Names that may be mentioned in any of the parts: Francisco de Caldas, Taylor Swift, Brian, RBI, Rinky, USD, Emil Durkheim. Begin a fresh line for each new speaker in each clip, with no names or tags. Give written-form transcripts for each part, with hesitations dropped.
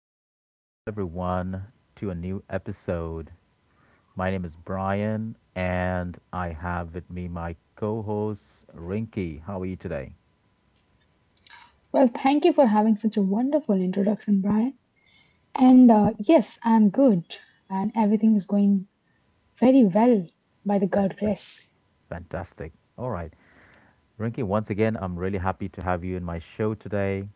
and welcome everyone to a new episode. My name is Brian and I have with me my co-host Rinky. How are you today?
Well, thank you for having such a wonderful introduction, Brian. And yes, I'm good, and everything is going very well by the God
Fantastic.
grace.
Fantastic. All right. Rinky, once again, I'm really happy to have you in my show today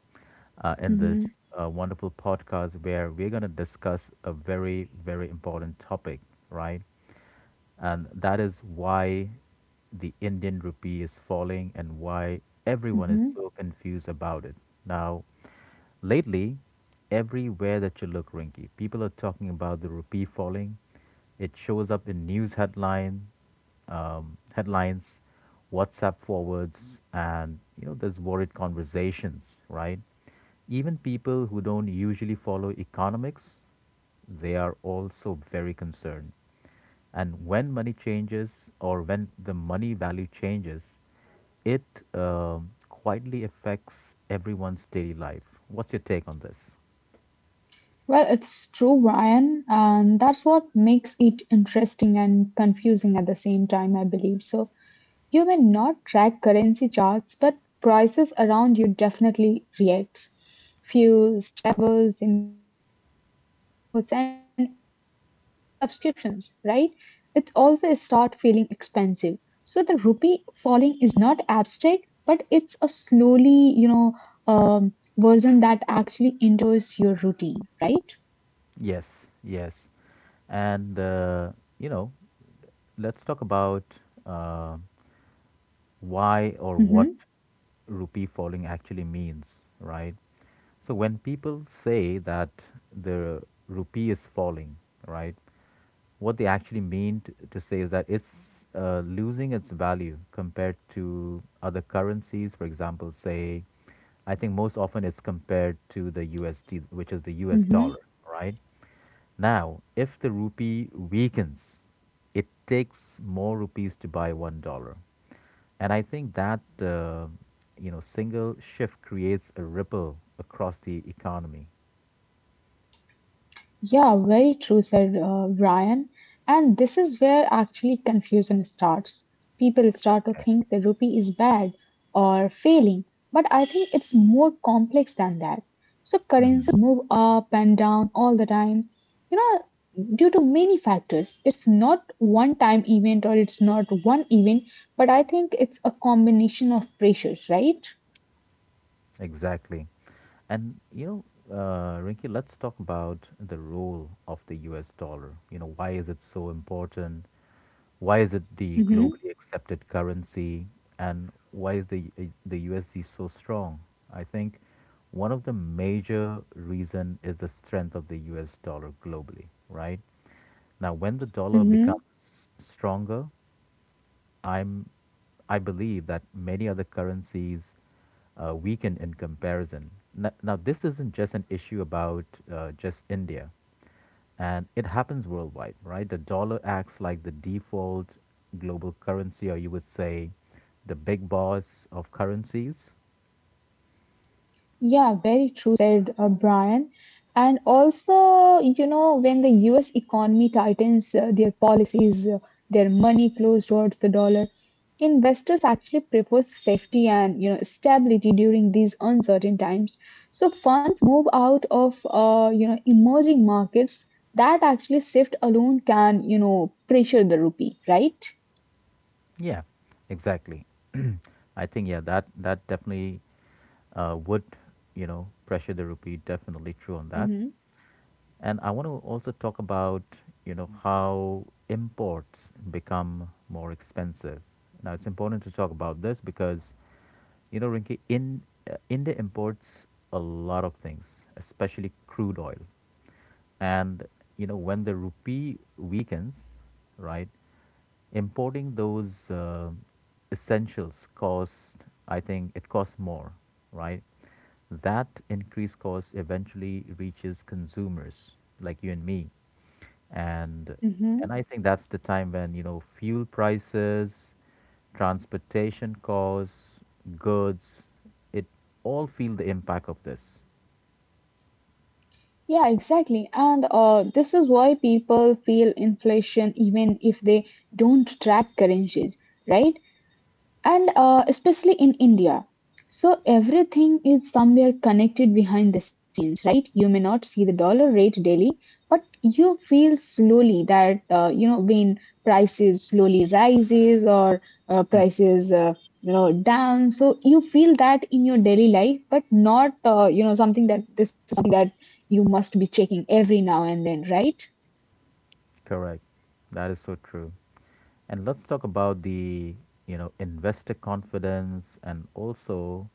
uh, in
hmm
this uh, wonderful podcast where we're going to discuss a very, very important topic, right? And that is why the Indian rupee is falling and why everyone is
hmm
so confused about it. Now, lately, everywhere that you look, Rinky, people are talking about the rupee falling. It shows up in headlines, WhatsApp forwards, and you know there's worried conversations, right? Even people who don't usually follow economics they are also very concerned. And when money changes or when the money value changes, it quietly affects everyone's daily life. What's your take on this?
Well, it's true, Brian, and that's what makes it interesting and confusing at the same time, I believe. So, you may not track currency charts, but prices around you definitely react. Fuels, travels, imports, and even subscriptions, right? It also start feeling expensive. So the rupee falling is not abstract, but it's a slowly, um, version that actually enters your routine, right?
Yes, yes. And, you know, let's talk about uh, why or
Mm-hmm,
what rupee falling actually means, right? So when people say that the rupee is falling, right? What they actually to say is that it's losing its value compared to other currencies. For example, say, I think most often it's compared to the USD, which is the US dollar,
mm-hmm.
right? Now, if the rupee weakens, it takes more rupees to buy $1. And I think that you know single shift creates a ripple across the economy.
Yeah, very true, said Brian. And this is where actually confusion starts. People start to
Okay.
think the rupee is bad or failing, but I think it's more complex than that. So
Mm-hmm.
currencies move up and down all the time, you know, due to many factors. It's not one time event or it's not one event, but I think it's a combination of pressures, right?
Exactly. And, you know, Rinki, let's talk about the role of the US dollar. You know, why is it so important? Why is it the
Mm-hmm.
globally accepted currency? And why is the USD so strong? I think one of the major reason is the strength of the US dollar globally, right? Now, when the dollar
Mm-hmm.
becomes stronger, I'm I believe that many other currencies weaken in comparison. Now, this isn't just an issue about just India, and it happens worldwide, right? The dollar acts like the default global currency, or you would say the big boss of currencies.
Yeah, very true said Brian. And also, you know, when the US economy tightens their policies, their money flows towards the dollar, investors actually prefer safety and, you know, stability during these uncertain times. So funds move out of, you know, emerging markets. That actually shift alone can, you know, pressure the rupee, right?
Yeah, exactly. I think, yeah, that definitely would, you know, pressure the rupee, definitely true on that. And I want to also talk about, you know, how imports become more expensive. Now, it's important to talk about this because, you know, Rinki, India imports a lot of things, especially crude oil. And, you know, when the rupee weakens, right, importing those essentials cost, I think it costs more, right? That increased cost eventually reaches consumers like you and me. And
Mm-hmm.
and I think that's the time when, you know, fuel prices, transportation costs, goods, it all feel the impact of this.
Yeah, exactly. And this is why people feel inflation even if they don't track currencies, right? And especially in India. So everything is somewhere connected behind the scenes, right? You may not see the dollar rate daily, but you feel slowly that you know when prices slowly rises or prices you know down. So you feel that in your daily life, but not you know something that this is something that you must be checking every now and then, right?
Correct. That is so true. And let's talk about the, you know, investor confidence and also,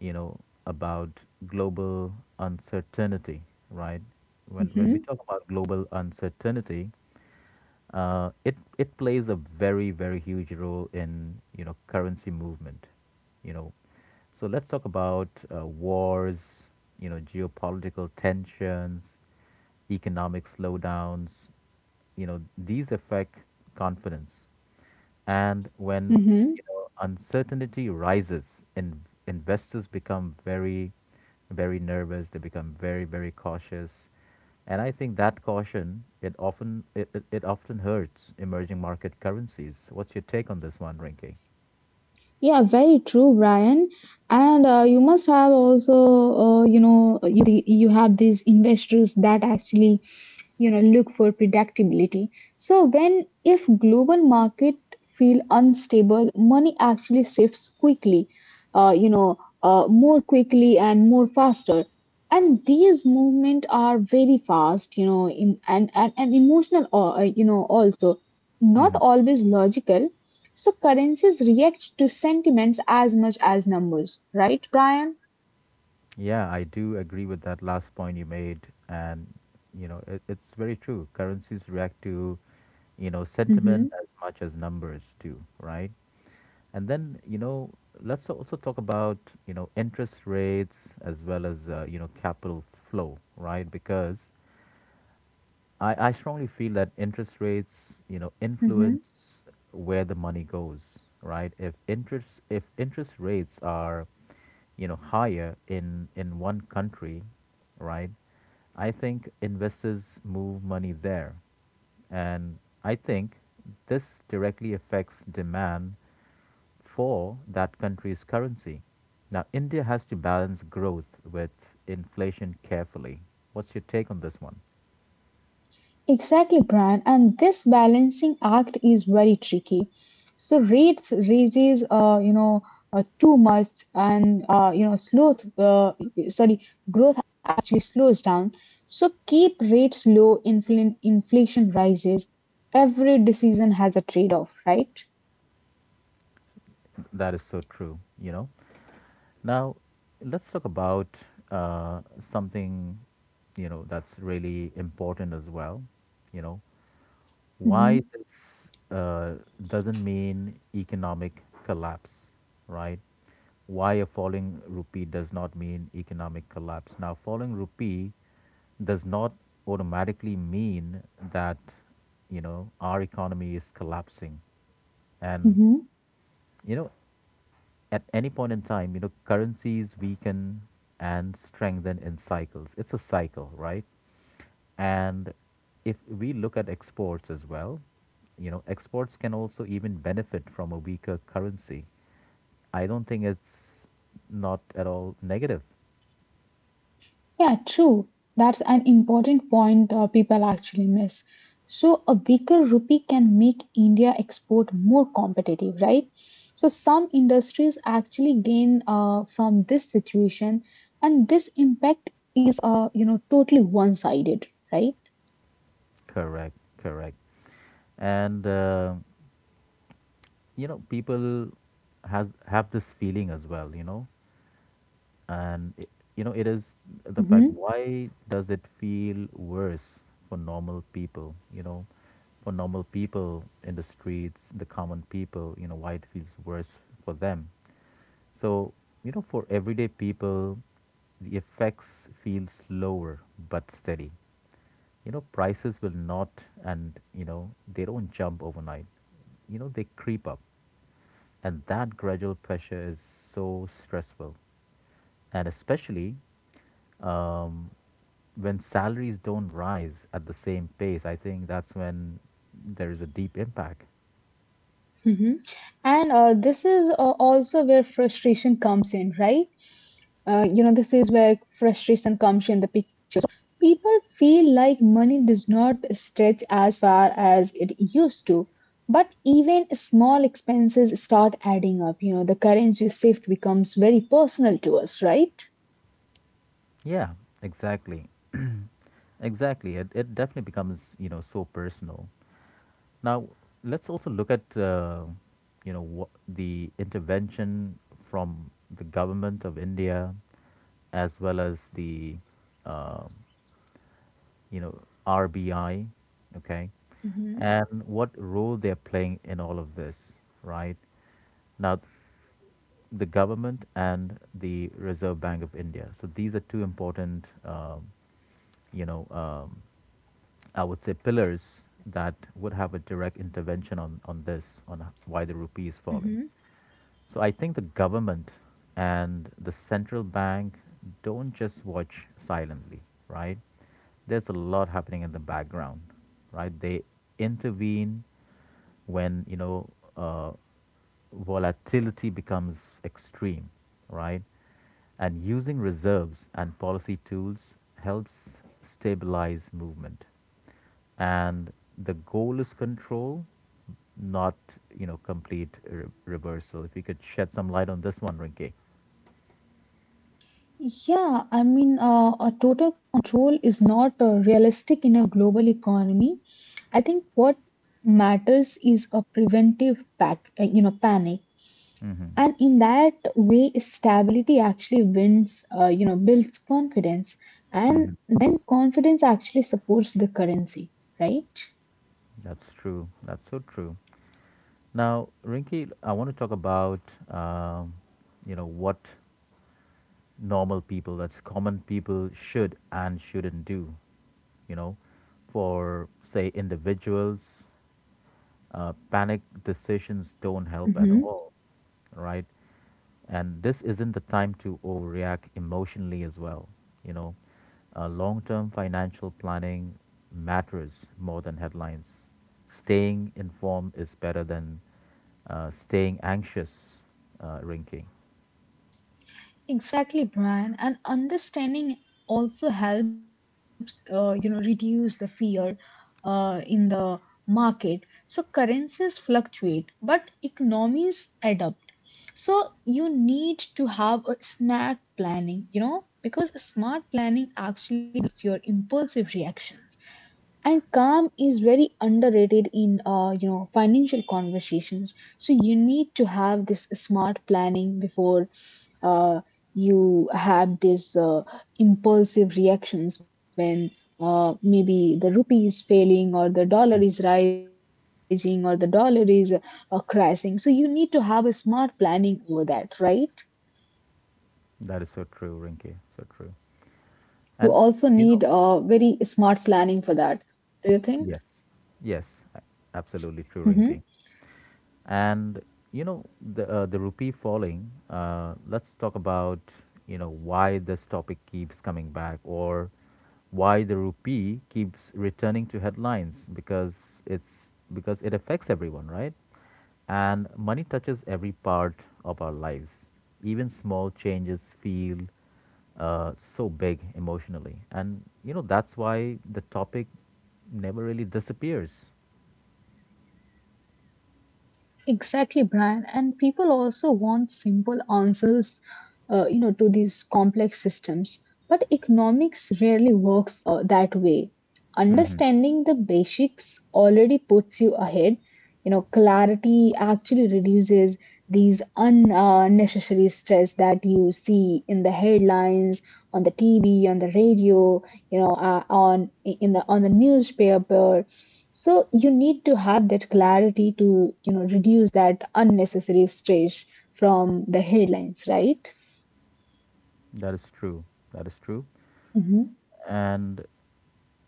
you know, about global uncertainty, right? When we
Mm-hmm.
talk about global uncertainty, it plays a very very huge role in you know currency movement you know. So let's talk about wars, you know, geopolitical tensions, economic slowdowns, you know these affect confidence. And when
Mm-hmm.
you know, uncertainty rises, investors become very, very nervous. They become very, very cautious. And I think that caution it often hurts emerging market currencies. What's your take on this one, Rinky?
Yeah, very true, Brian. And you must have also, uh, you know, you, you have these investors that actually, you know, look for predictability. So when if global market feel unstable, money actually shifts quickly, uh, you know, more quickly and more fast, and these movements are very fast, you know, and emotional you know, also not
Hmm.
always logical. So currencies react to sentiments as much as numbers, right, Brian?
Yeah, I do agree with that last point you made, and you know it, it's very true. Currencies react to you know
mm-hmm.
sentiment as much as numbers do, right? And then, you know, let's also talk about, you know, interest rates as well as, you know, capital flow, right? Because I strongly feel that interest rates, you know,
Mm-hmm.
influence where the money goes, right? If interest rates are, you know, higher in one country, right? I think investors move money there. And I think this directly affects demand for that country's currency. Now, India has to balance growth with inflation carefully. What's your take on this one?
Exactly, Brian, and this balancing act is very tricky. So rates raises, too much, and sorry, growth actually slows down. So keep rates low. Inflation rises. Every decision has a trade-off, right?
That is so true, you know. Now, let's talk about something, you know, that's really important as well, you know, why
Mm-hmm.
this doesn't mean economic collapse, right? Why a falling rupee does not mean economic collapse. Now, falling rupee does not automatically mean that you know our economy is collapsing, and you know at any point in time, you know currencies weaken and strengthen in cycles. It's a cycle, right? And if we look at exports as well, you know, exports can also even benefit from a weaker currency. I don't think it's not at all negative.
Yeah, true. That's an important point people actually miss. So, a weaker rupee can make India export more competitive, right? So, some industries actually gain from this situation, and this impact is, you know, totally one-sided, right?
Correct, correct. And you know, people has have this feeling as well, you know, and i- you know it is the fact,
hmm
why does it feel worse for normal people, you know, for normal people in the streets, the common people, you know why it feels worse for them. So you know for everyday people, the effects feel slower but steady. You know prices will not, and you know they don't jump overnight, you know they creep up, and that gradual pressure is so stressful. And especially um, when salaries don't rise at the same pace, I think that's when there is a deep impact.
hmm And this is also where frustration comes in, right? You know, this is where frustration comes in the picture. People feel like money does not stretch as far as it used to, but even small expenses start adding up. You know, the currency shift becomes very personal to us, right?
Yeah, exactly. Exactly. It definitely becomes, you know, so personal. Now, let's also look at, you know, what the intervention from the government of India as well as the, um you know, RBI, okay,
hmm
and what role they're playing in all of this, right? Now, the government and the Reserve Bank of India. So these are two important, you know, um, I would say pillars that would have a direct intervention on this, on why the rupee is falling.
hmm
So I think the government and the central bank don't just watch silently, right? There's a lot happening in the background, right? They intervene when you know uh, volatility becomes extreme, right? And using reserves and policy tools helps stabilize movement, and the goal is control, not you know complete reversal. If you could shed some light on this one, Rinky.
Yeah, I mean, a total control is not realistic in a global economy. I think what matters is a preventive pack, you know, panic.
Mm-hmm.
And in that way stability actually wins, you know, builds confidence,
Mm-hmm.
and then confidence actually supports the currency, right?
That's true, that's so true. Now, Rinky, I want to talk about um, you know what normal people, that's common people, should and shouldn't do, you know, for say individuals. Panic decisions don't help at
hmm
all, right? And this isn't the time to overreact emotionally as well. You know, long term financial planning matters more than headlines. Staying informed is better than staying anxious, Rinky.
Exactly, Brian. And understanding also helps, you know, reduce the fear in the market. So currencies fluctuate, but economies adapt. So you need to have a smart planning, you know, because smart planning actually limits your impulsive reactions, and calm is very underrated in you know financial conversations. So you need to have this smart planning before uh, you have this impulsive reactions when, maybe the rupee is failing or
Mm.
the dollar is rising or the dollar is crashing. So you need to have a smart planning over that, right?
That is so true, Rinky.
You
So
also
true.
need very
And,
smart
you know,
planning for that. Do you think?
yes, yes,
hmm
absolutely true, Rinky. And you know the rupee falling. Let's talk about you know why this topic keeps coming back, or why the rupee keeps returning to headlines, because it's because it affects everyone, right? And money touches every part of our lives. Even small changes feel so big emotionally, and you know that's why the topic never really disappears.
Exactly, Brian. And people also want simple answers, you know, to these complex systems. But economics rarely works that way.
Mhm.
Understanding the basics already puts you ahead. You know, clarity actually reduces these unnecessary stress that you see in the headlines, on the TV, on the radio. You know on the newspaper. So you need to have that clarity to, you know, reduce that unnecessary stress from the headlines, right?
That is true. That is true.
hmm
And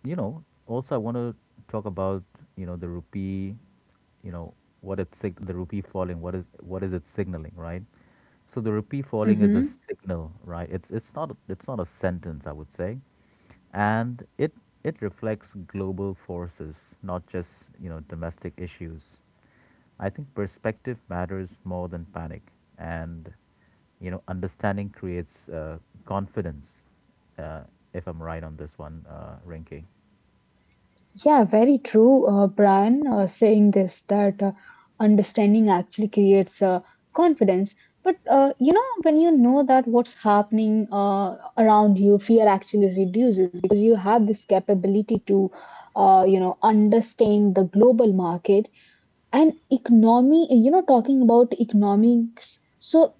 you know also I want to talk about, you know, the rupee, you know the rupee falling, what is it signaling, right? So the rupee falling is a
hmm
signal, right? It's not a sentence, I would say. And it reflects global forces, not just you know domestic issues. I think perspective matters more than panic, and you know, understanding creates confidence. Uh, if I'm right on this one, Rinky.
yeah, very true, Brian, saying this that, understanding actually creates confidence. But you know when you know that what's happening around you, fear actually reduces because you have this capability to, you know, understand the global market and economy. You know, talking about economics, so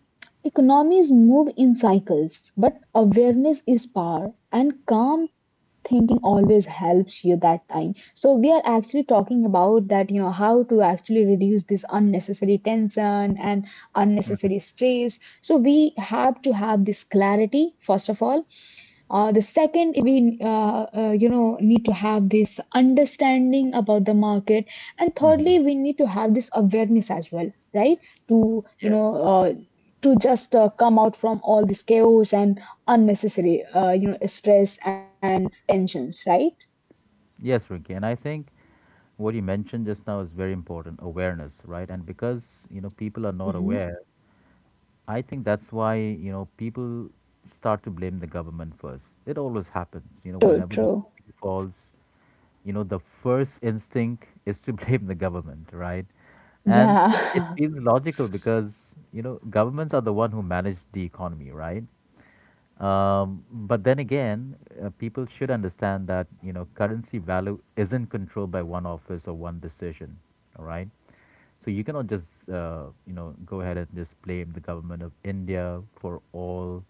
economies move in cycles, but awareness is power and calm thinking always helps you that time. So we are actually talking about that, you know, how to actually reduce this unnecessary tension and unnecessary stress. So we have to have this clarity first of all. The second is we, you know, need to have this understanding about the market, and
Hmm.
thirdly, we need to have this awareness as well, right? To you know,
Yes.
to just come out from all this chaos and unnecessary, you know, stress and tensions, right?
Yes, Rinky, and I think what you mentioned just now is very important, awareness, right? And because you know people are not
hmm
aware. I think that's why you know people start to blame the government first. It always happens. You know,
True,
whenever the
true.
rupee falls, you know the first instinct is to blame the government, right? And
Yeah.
it feels logical because you know governments are the one who manage the economy, right? But then again, people should understand that you know currency value isn't controlled by one office or one decision. All right, so you cannot just you know go ahead and just blame the government of India for all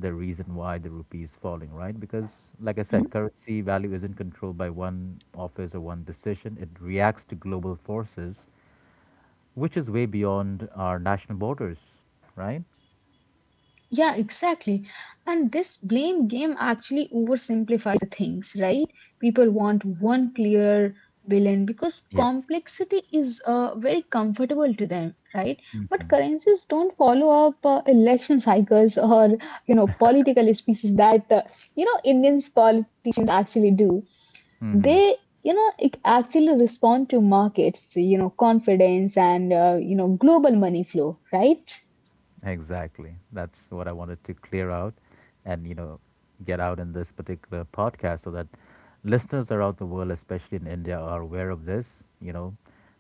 the reason why the rupee is falling, right? Because, like I said, currency value isn't controlled by one office or one decision. It reacts to global forces, which is way beyond our national borders, right?
Yeah, exactly. And this blame game actually oversimplifies the things, right? People want one clear villain because
Yes.
complexity is very comfortable to them, right? But currencies don't follow up election cycles or, you know, political speeches that, you know, Indians politicians actually do.
Mm-hmm.
They, you know, it actually respond to markets, you know, confidence and, you know, global money flow, right?
Exactly. That's what I wanted to clear out and, you know, get out in this particular podcast so that listeners around the world, especially in India, are aware of this. You know,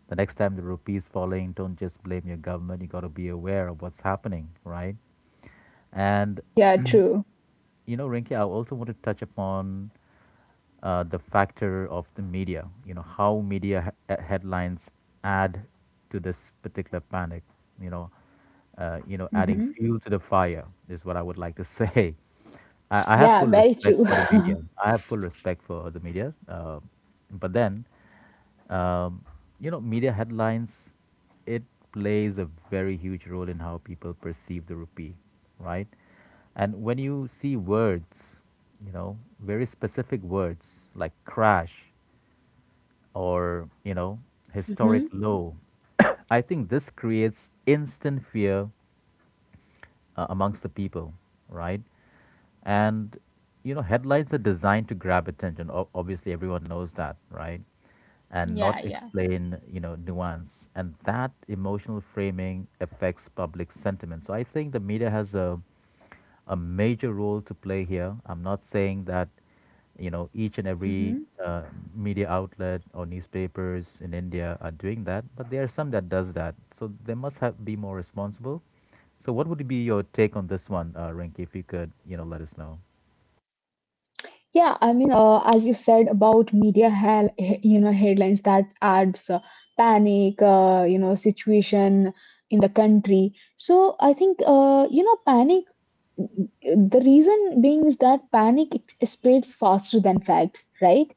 the next time the rupee is falling, don't just blame your government. You got to be aware of what's happening, right? And,
Yeah, true.
you know, Rinki, I also want to touch upon the factor of the media. You know how headlines add to this particular panic. You know, Adding
Mm-hmm.
fuel to the fire is what I would like to say. I have
Yeah,
full
very
respect
true.
for the media. I have full respect for the media, but then um, you know, media headlines, it plays a very huge role in how people perceive the rupee, right? And when you see words, you know, very specific words like crash or, you know, historic
hmm
low, I think this creates instant fear amongst the people, right? And you know, headlines are designed to grab attention. Obviously, everyone knows that, right? And
Yeah,
not
yeah.
explain, you know, nuance. And that emotional framing affects public sentiment. So I think the media has a major role to play here. I'm not saying that, you know, each and every
hmm
uh, media outlet or newspapers in India are doing that, but there are some that does that. So they must have be more responsible. So what would be your take on this one, Rinki, if you could, you know, let us know?
Yeah, I mean, as you said about media, you know, headlines that adds panic, you know, situation in the country. So I think, you know, panic the reason being is that panic spreads faster than facts, right?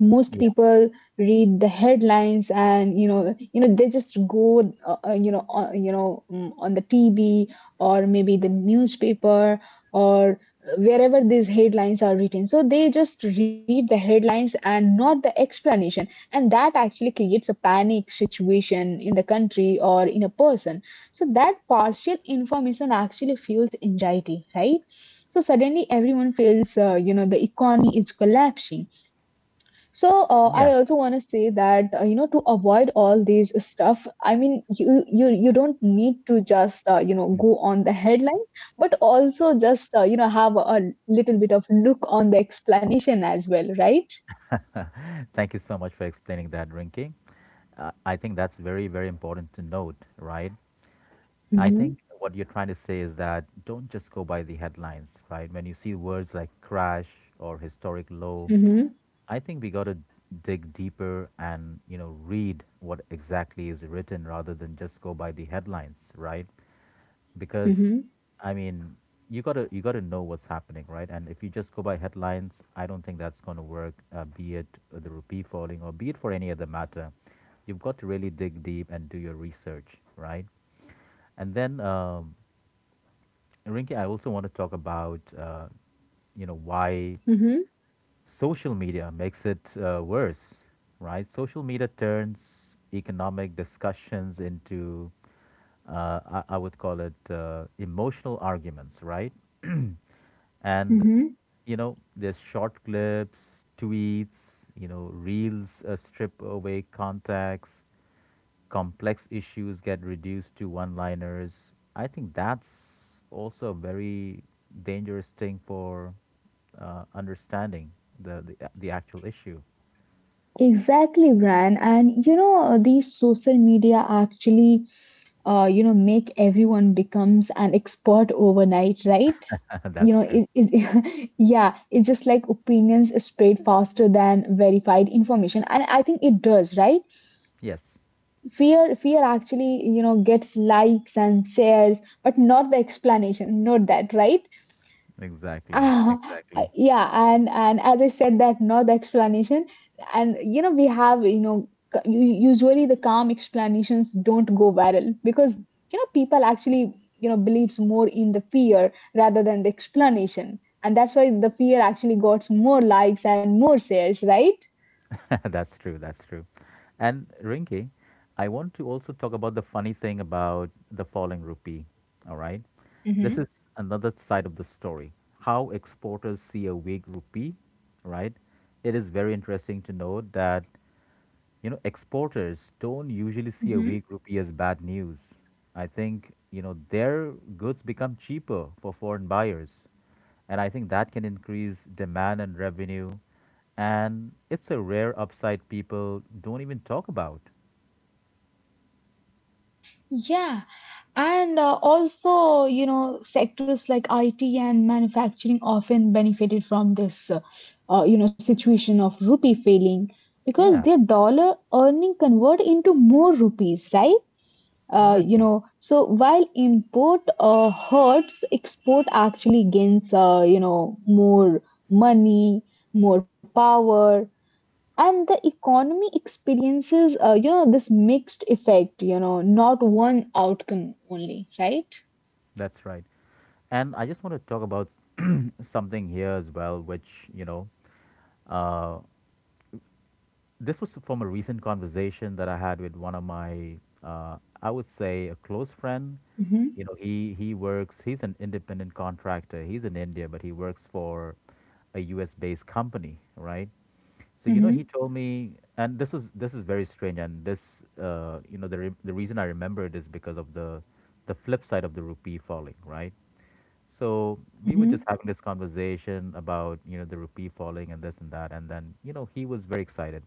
Most
Yeah,
people read the headlines and, you know, they just go on the TV or maybe the newspaper, or wherever these headlines are written. So they just read the headlines and not the explanation, and that actually creates a panic situation in the country or in a person. So that partial information actually fuels anxiety, right? So suddenly everyone feels, you know, the economy is collapsing. So
yeah.
I also want to say that, you know, to avoid all these stuff. I mean, you don't need to just, you know, go on the headlines, but also just, you know, have a little bit of look on the explanation as well, right?
Thank you so much for explaining that, Rinky. I think that's very, very important to note, right? I
hmm
think what you're trying to say is that don't just go by the headlines, right? When you see words like crash or historic low,
hmm
I think we got to dig deeper and, you know, read what exactly is written rather than just go by the headlines, right? Because
hmm
I mean, you gotta know what's happening, right? And if you just go by headlines, I don't think that's gonna work. Be it the rupee falling, or be it for any other matter, you've got to really dig deep and do your research, right? And then, Rinki, I also want to talk about, you know, why
hmm
social media makes it worse, right? Social media turns economic discussions into, uh, I would call it, emotional arguments, right? And,
hmm
you know, there's short clips, tweets, you know, reels strip away context, complex issues get reduced to one liners. I think that's also a very dangerous thing for understanding the actual issue.
Exactly, Brian. And you know, these social media actually, you know, make everyone becomes an expert overnight, right? You
That's
know
true.
yeah, it's just like opinions spread faster than verified information, and I think it does, right?
Yes,
Fear actually, you know, gets likes and shares but not the explanation, not that, right?
exactly.
uh,
Exactly.
yeah, and as I said that no, the explanation. And you know, we have, you know, usually the calm explanations don't go viral because, you know, people actually, you know, believes more in the fear rather than the explanation, and that's why the fear actually got more likes and more shares, right?
That's true. That's true. And Rinki, I want to also talk about the funny thing about the falling rupee. All right. This
Mm-hmm.
is another side of the story. How exporters see a weak rupee, right? It is very interesting to note that you know, exporters don't usually see a weak rupee as bad news. I think, you know, their goods become cheaper for foreign buyers. And I think that can increase demand and revenue. And it's a rare upside people don't even talk about.
Yeah, and also, you know, sectors like IT and manufacturing often benefited from this, you know, situation of rupee failing because
Yeah,
their dollar earning convert into more rupees, right? You
exactly.
know, so while import hurts, export actually gains, you know, more money, more power, and the economy experiences you know this mixed effect, you know, not one outcome only, right?
That's right. And I just want to talk about something here as well, which, you know, uh, this was from a recent conversation that I had with one of my, I would say, a close friend.
mm-hmm,
You know, he works. He's an independent contractor. He's in India, but he works for a U.S.-based company, right? So you
mm-hmm,
know, he told me, and this is very strange, and this, you know, the reason I remember it is because of the flip side of the rupee falling, right? So we were just having this conversation about, you know, the rupee falling and this and that. And then, you know, he was very excited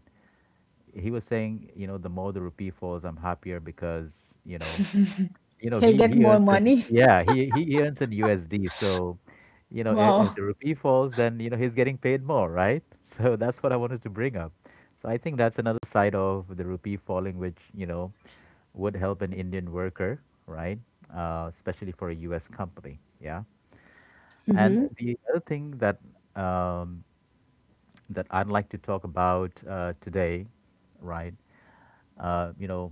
he was saying, you know, the more the rupee falls, I'm happier because, you know,
mm-hmm.
you know,
He'll
he
get
he earns
more
in
money.
yeah, he earns in USD. So, you know, if
Wow.
the rupee falls, then you know he's getting paid more, right? So that's what I wanted to bring up. So I think that's another side of the rupee falling, which you know would help an Indian worker, right? Especially for a U.S. company, yeah. And
mm-hmm,
the other thing that um, that I'd like to talk about today, right? You know,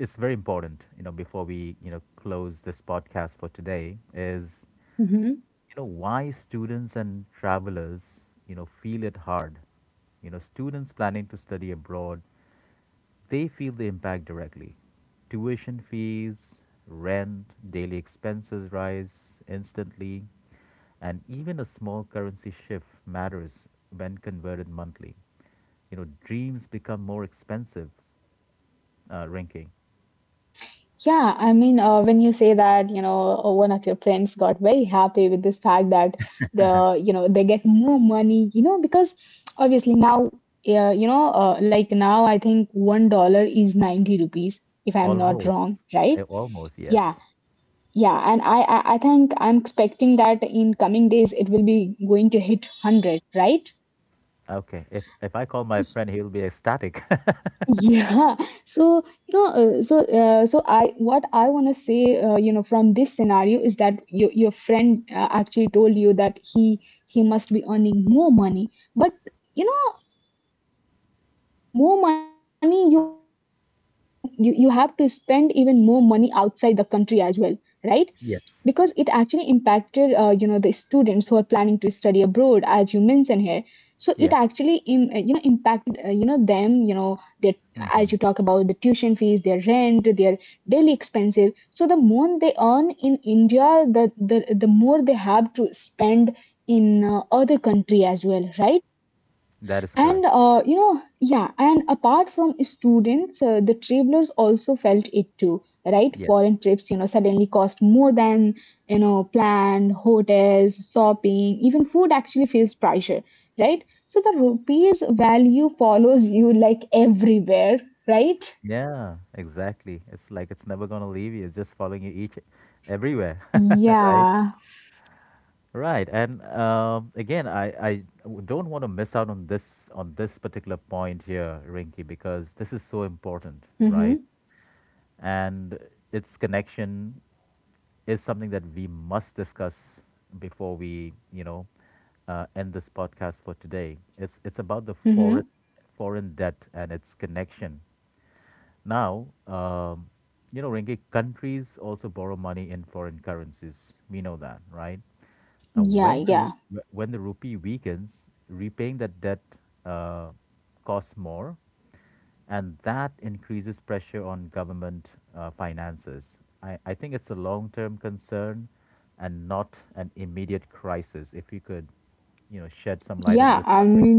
it's very important. You know, before we you know close this podcast for today, is
mm-hmm.
you know why students and travelers you know feel it hard. You know, students planning to study abroad they feel the impact directly. Tuition fees, rent, daily expenses rise instantly, and even a small currency shift matters when converted monthly. You know, dreams become more expensive, Rinking.
Yeah, I mean, when you say that, you know, one of your friends got very happy with this fact that the you know they get more money, you know, because obviously now, like now I think $1 is 90 rupees, if I'm not
Almost.
wrong, right?
Almost,
Yeah.
yes.
Yeah, and I think I'm expecting that in coming days it will be going to hit 100, right?
Okay. If I call my friend, he'll be ecstatic.
Yeah. So, you know, I, what I want to say, you know, from this scenario is that your friend actually told you that he must be earning more money. But you know, the more money you earn and you have to spend even more money outside the country as well, right? Because it actually
Yes.
impacted the students who are planning to study abroad as you mentioned here. So it actually
Yes.
impacted, them, their, as you talk
Hmm.
about the tuition fees, their rent, their daily expenses. So the more they earn in India, the more they have to spend in other country as well, right?
That is correct.
And yeah, and apart from students, the travelers also felt it too, right?
Yes.
Foreign trips, suddenly cost more than, planned, hotels, shopping, even food actually feels pressure, right? So the rupee's value follows you like everywhere, right?
Yeah, exactly. It's like it's never gonna leave you. It's just following you each everywhere, right?
Yeah.
Right. And again, I don't want to miss out on this particular point here, Rinky, because this is so important, right?
Mm-hmm.
And its connection is something that we must discuss before we, you know, end this podcast for today. It's about the foreign
Mm-hmm.
foreign debt and its connection. Now, you know, Renge, countries also borrow money in foreign currencies. We know that, right? Now,
Yeah, yeah.
when the rupee weakens, repaying that debt uh, costs more, and that increases pressure on government finances. I think it's a long-term concern, and not an immediate crisis. If you could, you know, shed some light on
Yeah,
this one,
I'm
Renge.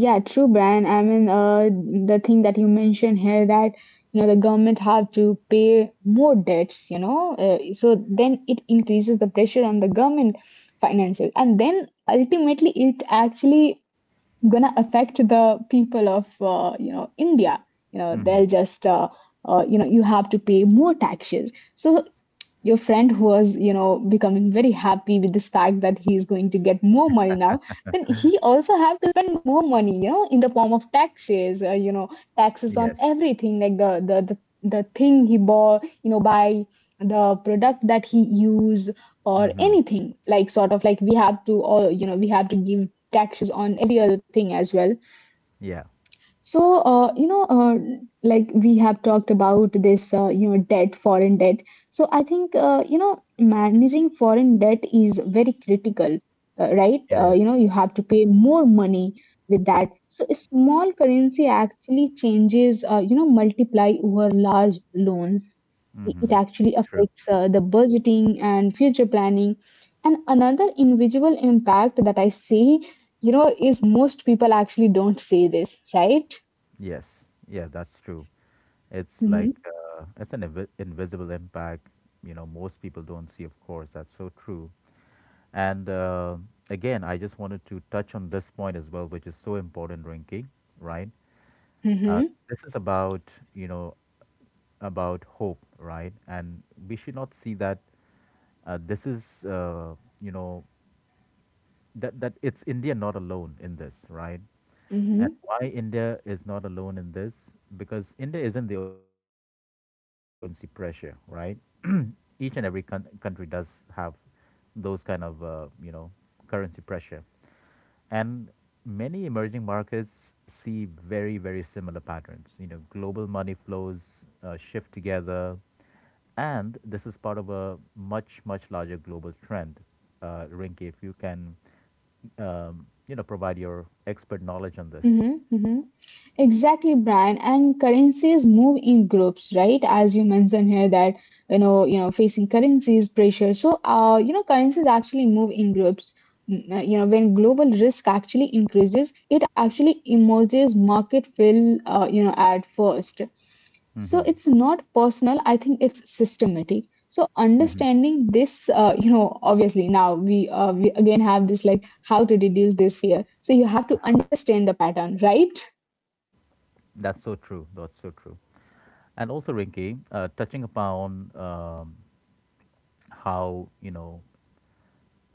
Yeah, true, Brian. I mean, the thing that you mentioned here, that the government have to pay more debts, so then it increases the pressure on the government finances, and then ultimately it actually gonna affect the people of India. You know,
Hmm.
they'll just you have to pay more taxes. So your friend, who was becoming very happy with this fact that he is going to get more money now, then he also have to spend more money, in the form of taxes, taxes on
Yes.
everything, like the thing he bought, by the product that he use, or
Hmm.
anything, like sort of like we have to, or we have to give taxes on every other thing as well.
Yeah.
So, like we have talked about this, debt, foreign debt. So, I think, managing foreign debt is very critical, right?
It is.
You have to pay more money with that. So, a small currency actually changes, multiply over large loans. It
Mm-hmm.
it actually
True.
affects the budgeting and future planning. And another invisible impact that I see, is most people actually don't say this, right?
Yes, yeah, that's true. It's like
Mhm,
it's an invisible impact, you know, most people don't see, of course. That's so true. And again, I just wanted to touch on this point as well, which is so important, Rinky, right? Uh,
mhm,
this is about, you know, about hope, right? And we should not see that this is, you know, that it's India not alone in this, right? And
mhm,
why India is not alone in this? Because India isn't the only country facing, you know, currency pressure, right? Each and every country does have those kind of, you know, currency pressure, and many emerging markets see very, very similar patterns. You know, global money flows shift together, and this is part of a much, much larger global trend. Rinki, if you can, you know, provide your expert knowledge on this.
mhm, mhm. Exactly, Brian. And currencies move in groups, right? As you mentioned here that, facing currencies pressure. So, currencies actually move in groups. You know, when global risk actually increases, it actually emerges market fill, at first. So
Mm-hmm.
it's not personal, I think it's systematic. So
Mhm.
understanding this, obviously now we again have this, like, how to reduce this fear. So you have to understand the pattern, right?
That's so true. That's so true. And also, Rinky, touching upon how you know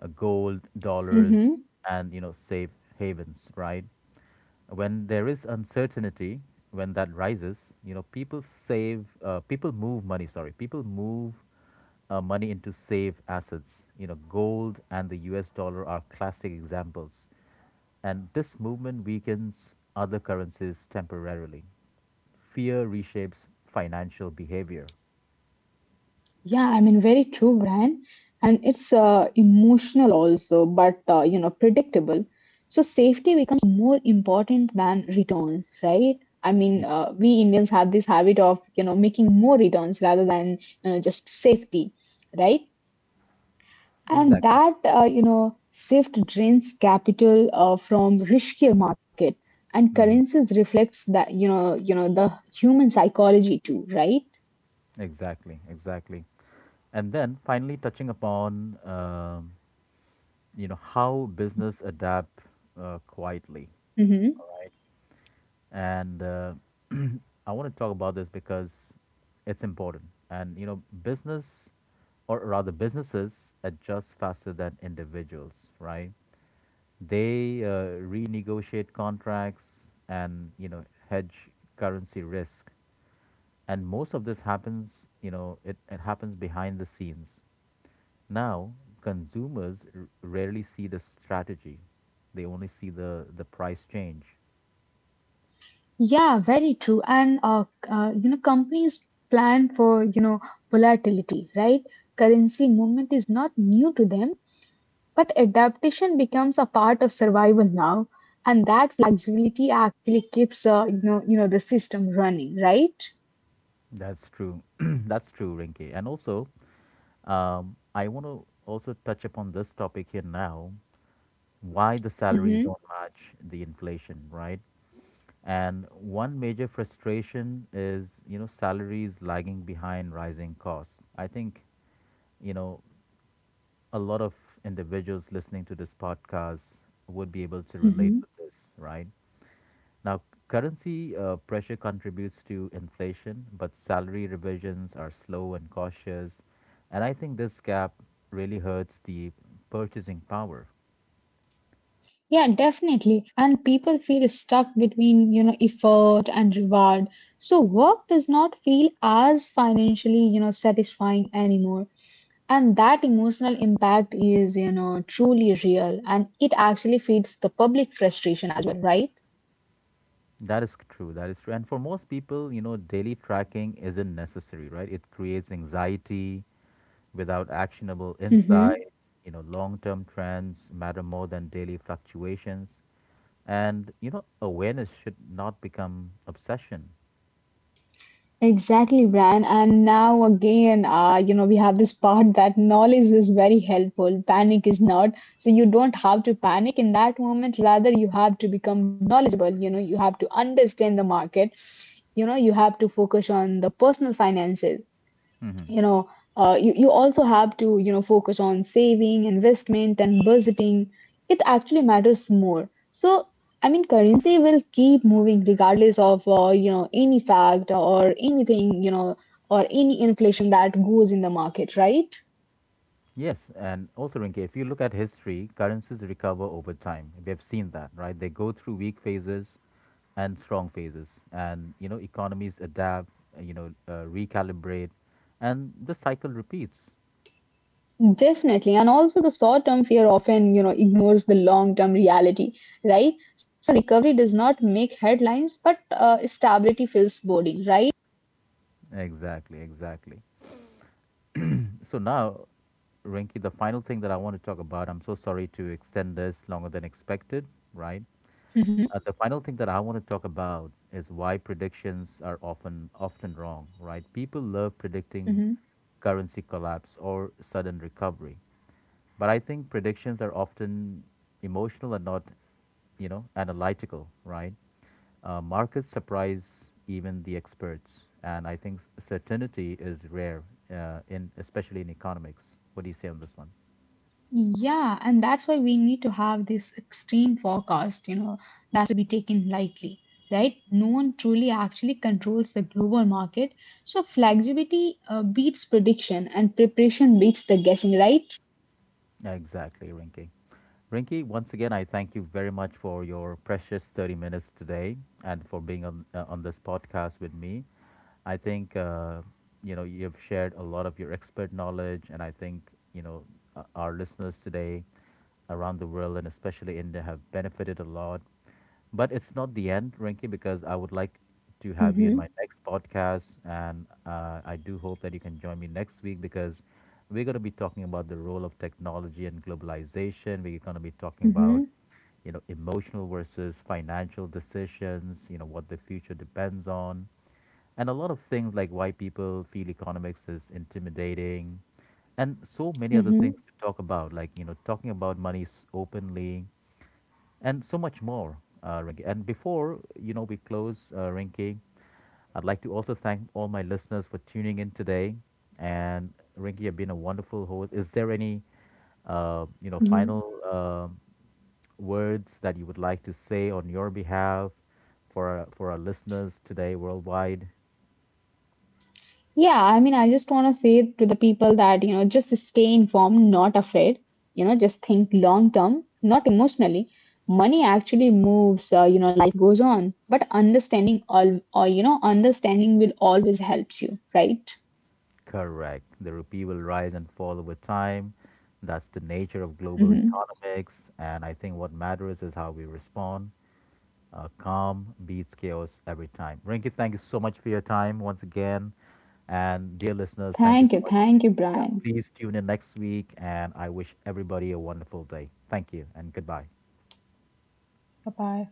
gold, dollars,
Hmm.
and you know safe havens, right? When there is uncertainty, when that rises, you know people move money. Sorry, people move money into safe assets. You know, gold and the U.S. dollar are classic examples, and this movement weakens other currencies temporarily. Fear reshapes financial behavior.
Yeah, I mean, very true, Brian. And it's emotional also, but predictable. So safety becomes more important than returns, right? I
Yeah,
mean, we Indians have this habit of making more returns rather than just safety, right? And
exactly.
that, shift drains capital from riskier market, and currencies reflects that, the human psychology too, right?
Exactly, exactly. And then finally touching upon, you know, how business adapt quietly.
Hmm.
Right. And I want to talk about this because it's important. And, you know, business or rather businesses adjust faster than individuals, right? They renegotiate contracts and, you know, hedge currency risk and most of this happens you know it happens behind the scenes now consumers rarely see the strategy, they only see the price change.
Yeah, very true. And, companies plan for, volatility, right? Currency movement is not new to them, but adaptation becomes a part of survival now. And that flexibility actually keeps, the system running, right?
That's true. That's true, Rinke, and also I want to also touch upon this topic here now, why the salaries
Hmm.
don't match the inflation, right? And one major frustration is you know salaries lagging behind rising costs. I think you know a lot of individuals listening to this podcast would be able to relate
Hmm.
with this, right? Now, currency pressure contributes to inflation, but salary revisions are slow and cautious. And I think this gap really hurts the purchasing power.
Yeah, definitely. And people feel stuck between, effort and reward. So work does not feel as financially, satisfying anymore. And that emotional impact is, truly real, and it actually feeds the public frustration as well, right?
That is true. That is true. And for most people, you know, daily tracking isn't necessary, right? It creates anxiety without actionable insight.
Hmm.
You know, long term trends matter more than daily fluctuations. And you know, awareness should not become obsession.
Exactly, Brian. And now again, we have this part that knowledge is very helpful, panic is not. So you don't have to panic in that moment. Rather, you have to become knowledgeable. You know, you have to understand the market. You know, you have to focus on the personal finances, you
Hmm.
know you also have to focus on saving, investment and budgeting. It actually matters more. So I mean, currency will keep moving regardless of any fact or anything, or any inflation that goes in the market, right?
Yes, and also Rinke, if you look at history, currencies recover over time. We have seen that, right? They go through weak phases and strong phases, and you know, economies adapt, you know, recalibrate, and the cycle repeats.
Definitely. And also the short term fear often ignores the long term reality, right? So recovery does not make headlines, but stability feels boring, right?
Exactly, exactly. So now, Rinky, the final thing that I want to talk about, I'm so sorry to extend this longer than expected, right?
Hmm.
The final thing that I want to talk about is why predictions are often wrong, right? People love predicting currency collapse or sudden recovery, but I think predictions are often emotional and not, you know, analytical, right? Markets surprise even the experts, and I think certainty is rare, in especially in economics. What do you say on this one?
Yeah, and that's why we need to have this extreme forecast, that to be taken lightly, right? No one truly actually controls the global market. So flexibility beats prediction and preparation beats the guessing, right?
Exactly, Rinky. Rinky, once again, I thank you very much for your precious 30 minutes today and for being on this podcast with me. I think, you know, you've shared a lot of your expert knowledge, and I think, you know, our listeners today around the world and especially India have benefited a lot. But it's not the end, Rinky, because I would like to have you in
Mm-hmm,
my next podcast. And I do hope that you can join me next week because we're going to be talking about the role of technology and globalization. We're going to be talking about,
mm-hmm,
you know, emotional versus financial decisions, you know, what the future depends on, and a lot of things like why people feel economics is intimidating and so many other
mm-hmm,
things to talk about like you know talking about money openly and so much more, Rinky. And before you know we close, Rinky, I'd like to also thank all my listeners for tuning in today. And Rinky, you've been a wonderful host. Is there any, you know,
mm-hmm.
final words that you would like to say on your behalf for our listeners today worldwide?
Yeah, I mean, I just want to say to the people that, just stay informed, not afraid. You know, just think long term, not emotionally. Money actually moves, life goes on. But understanding all, or, understanding will always helps you, right?
Correct. The rupee will rise and fall over time. That's the nature of global
Hmm.
economics. And I think what matters is how we respond. Calm beats chaos every time. Rinky, thank you so much for your time once again. And dear listeners, thank you
Thank
so
you.
much.
Thank you,
Yeah,
Brian.
please tune in next week. And I wish everybody a wonderful day. Thank you and goodbye.
Bye bye.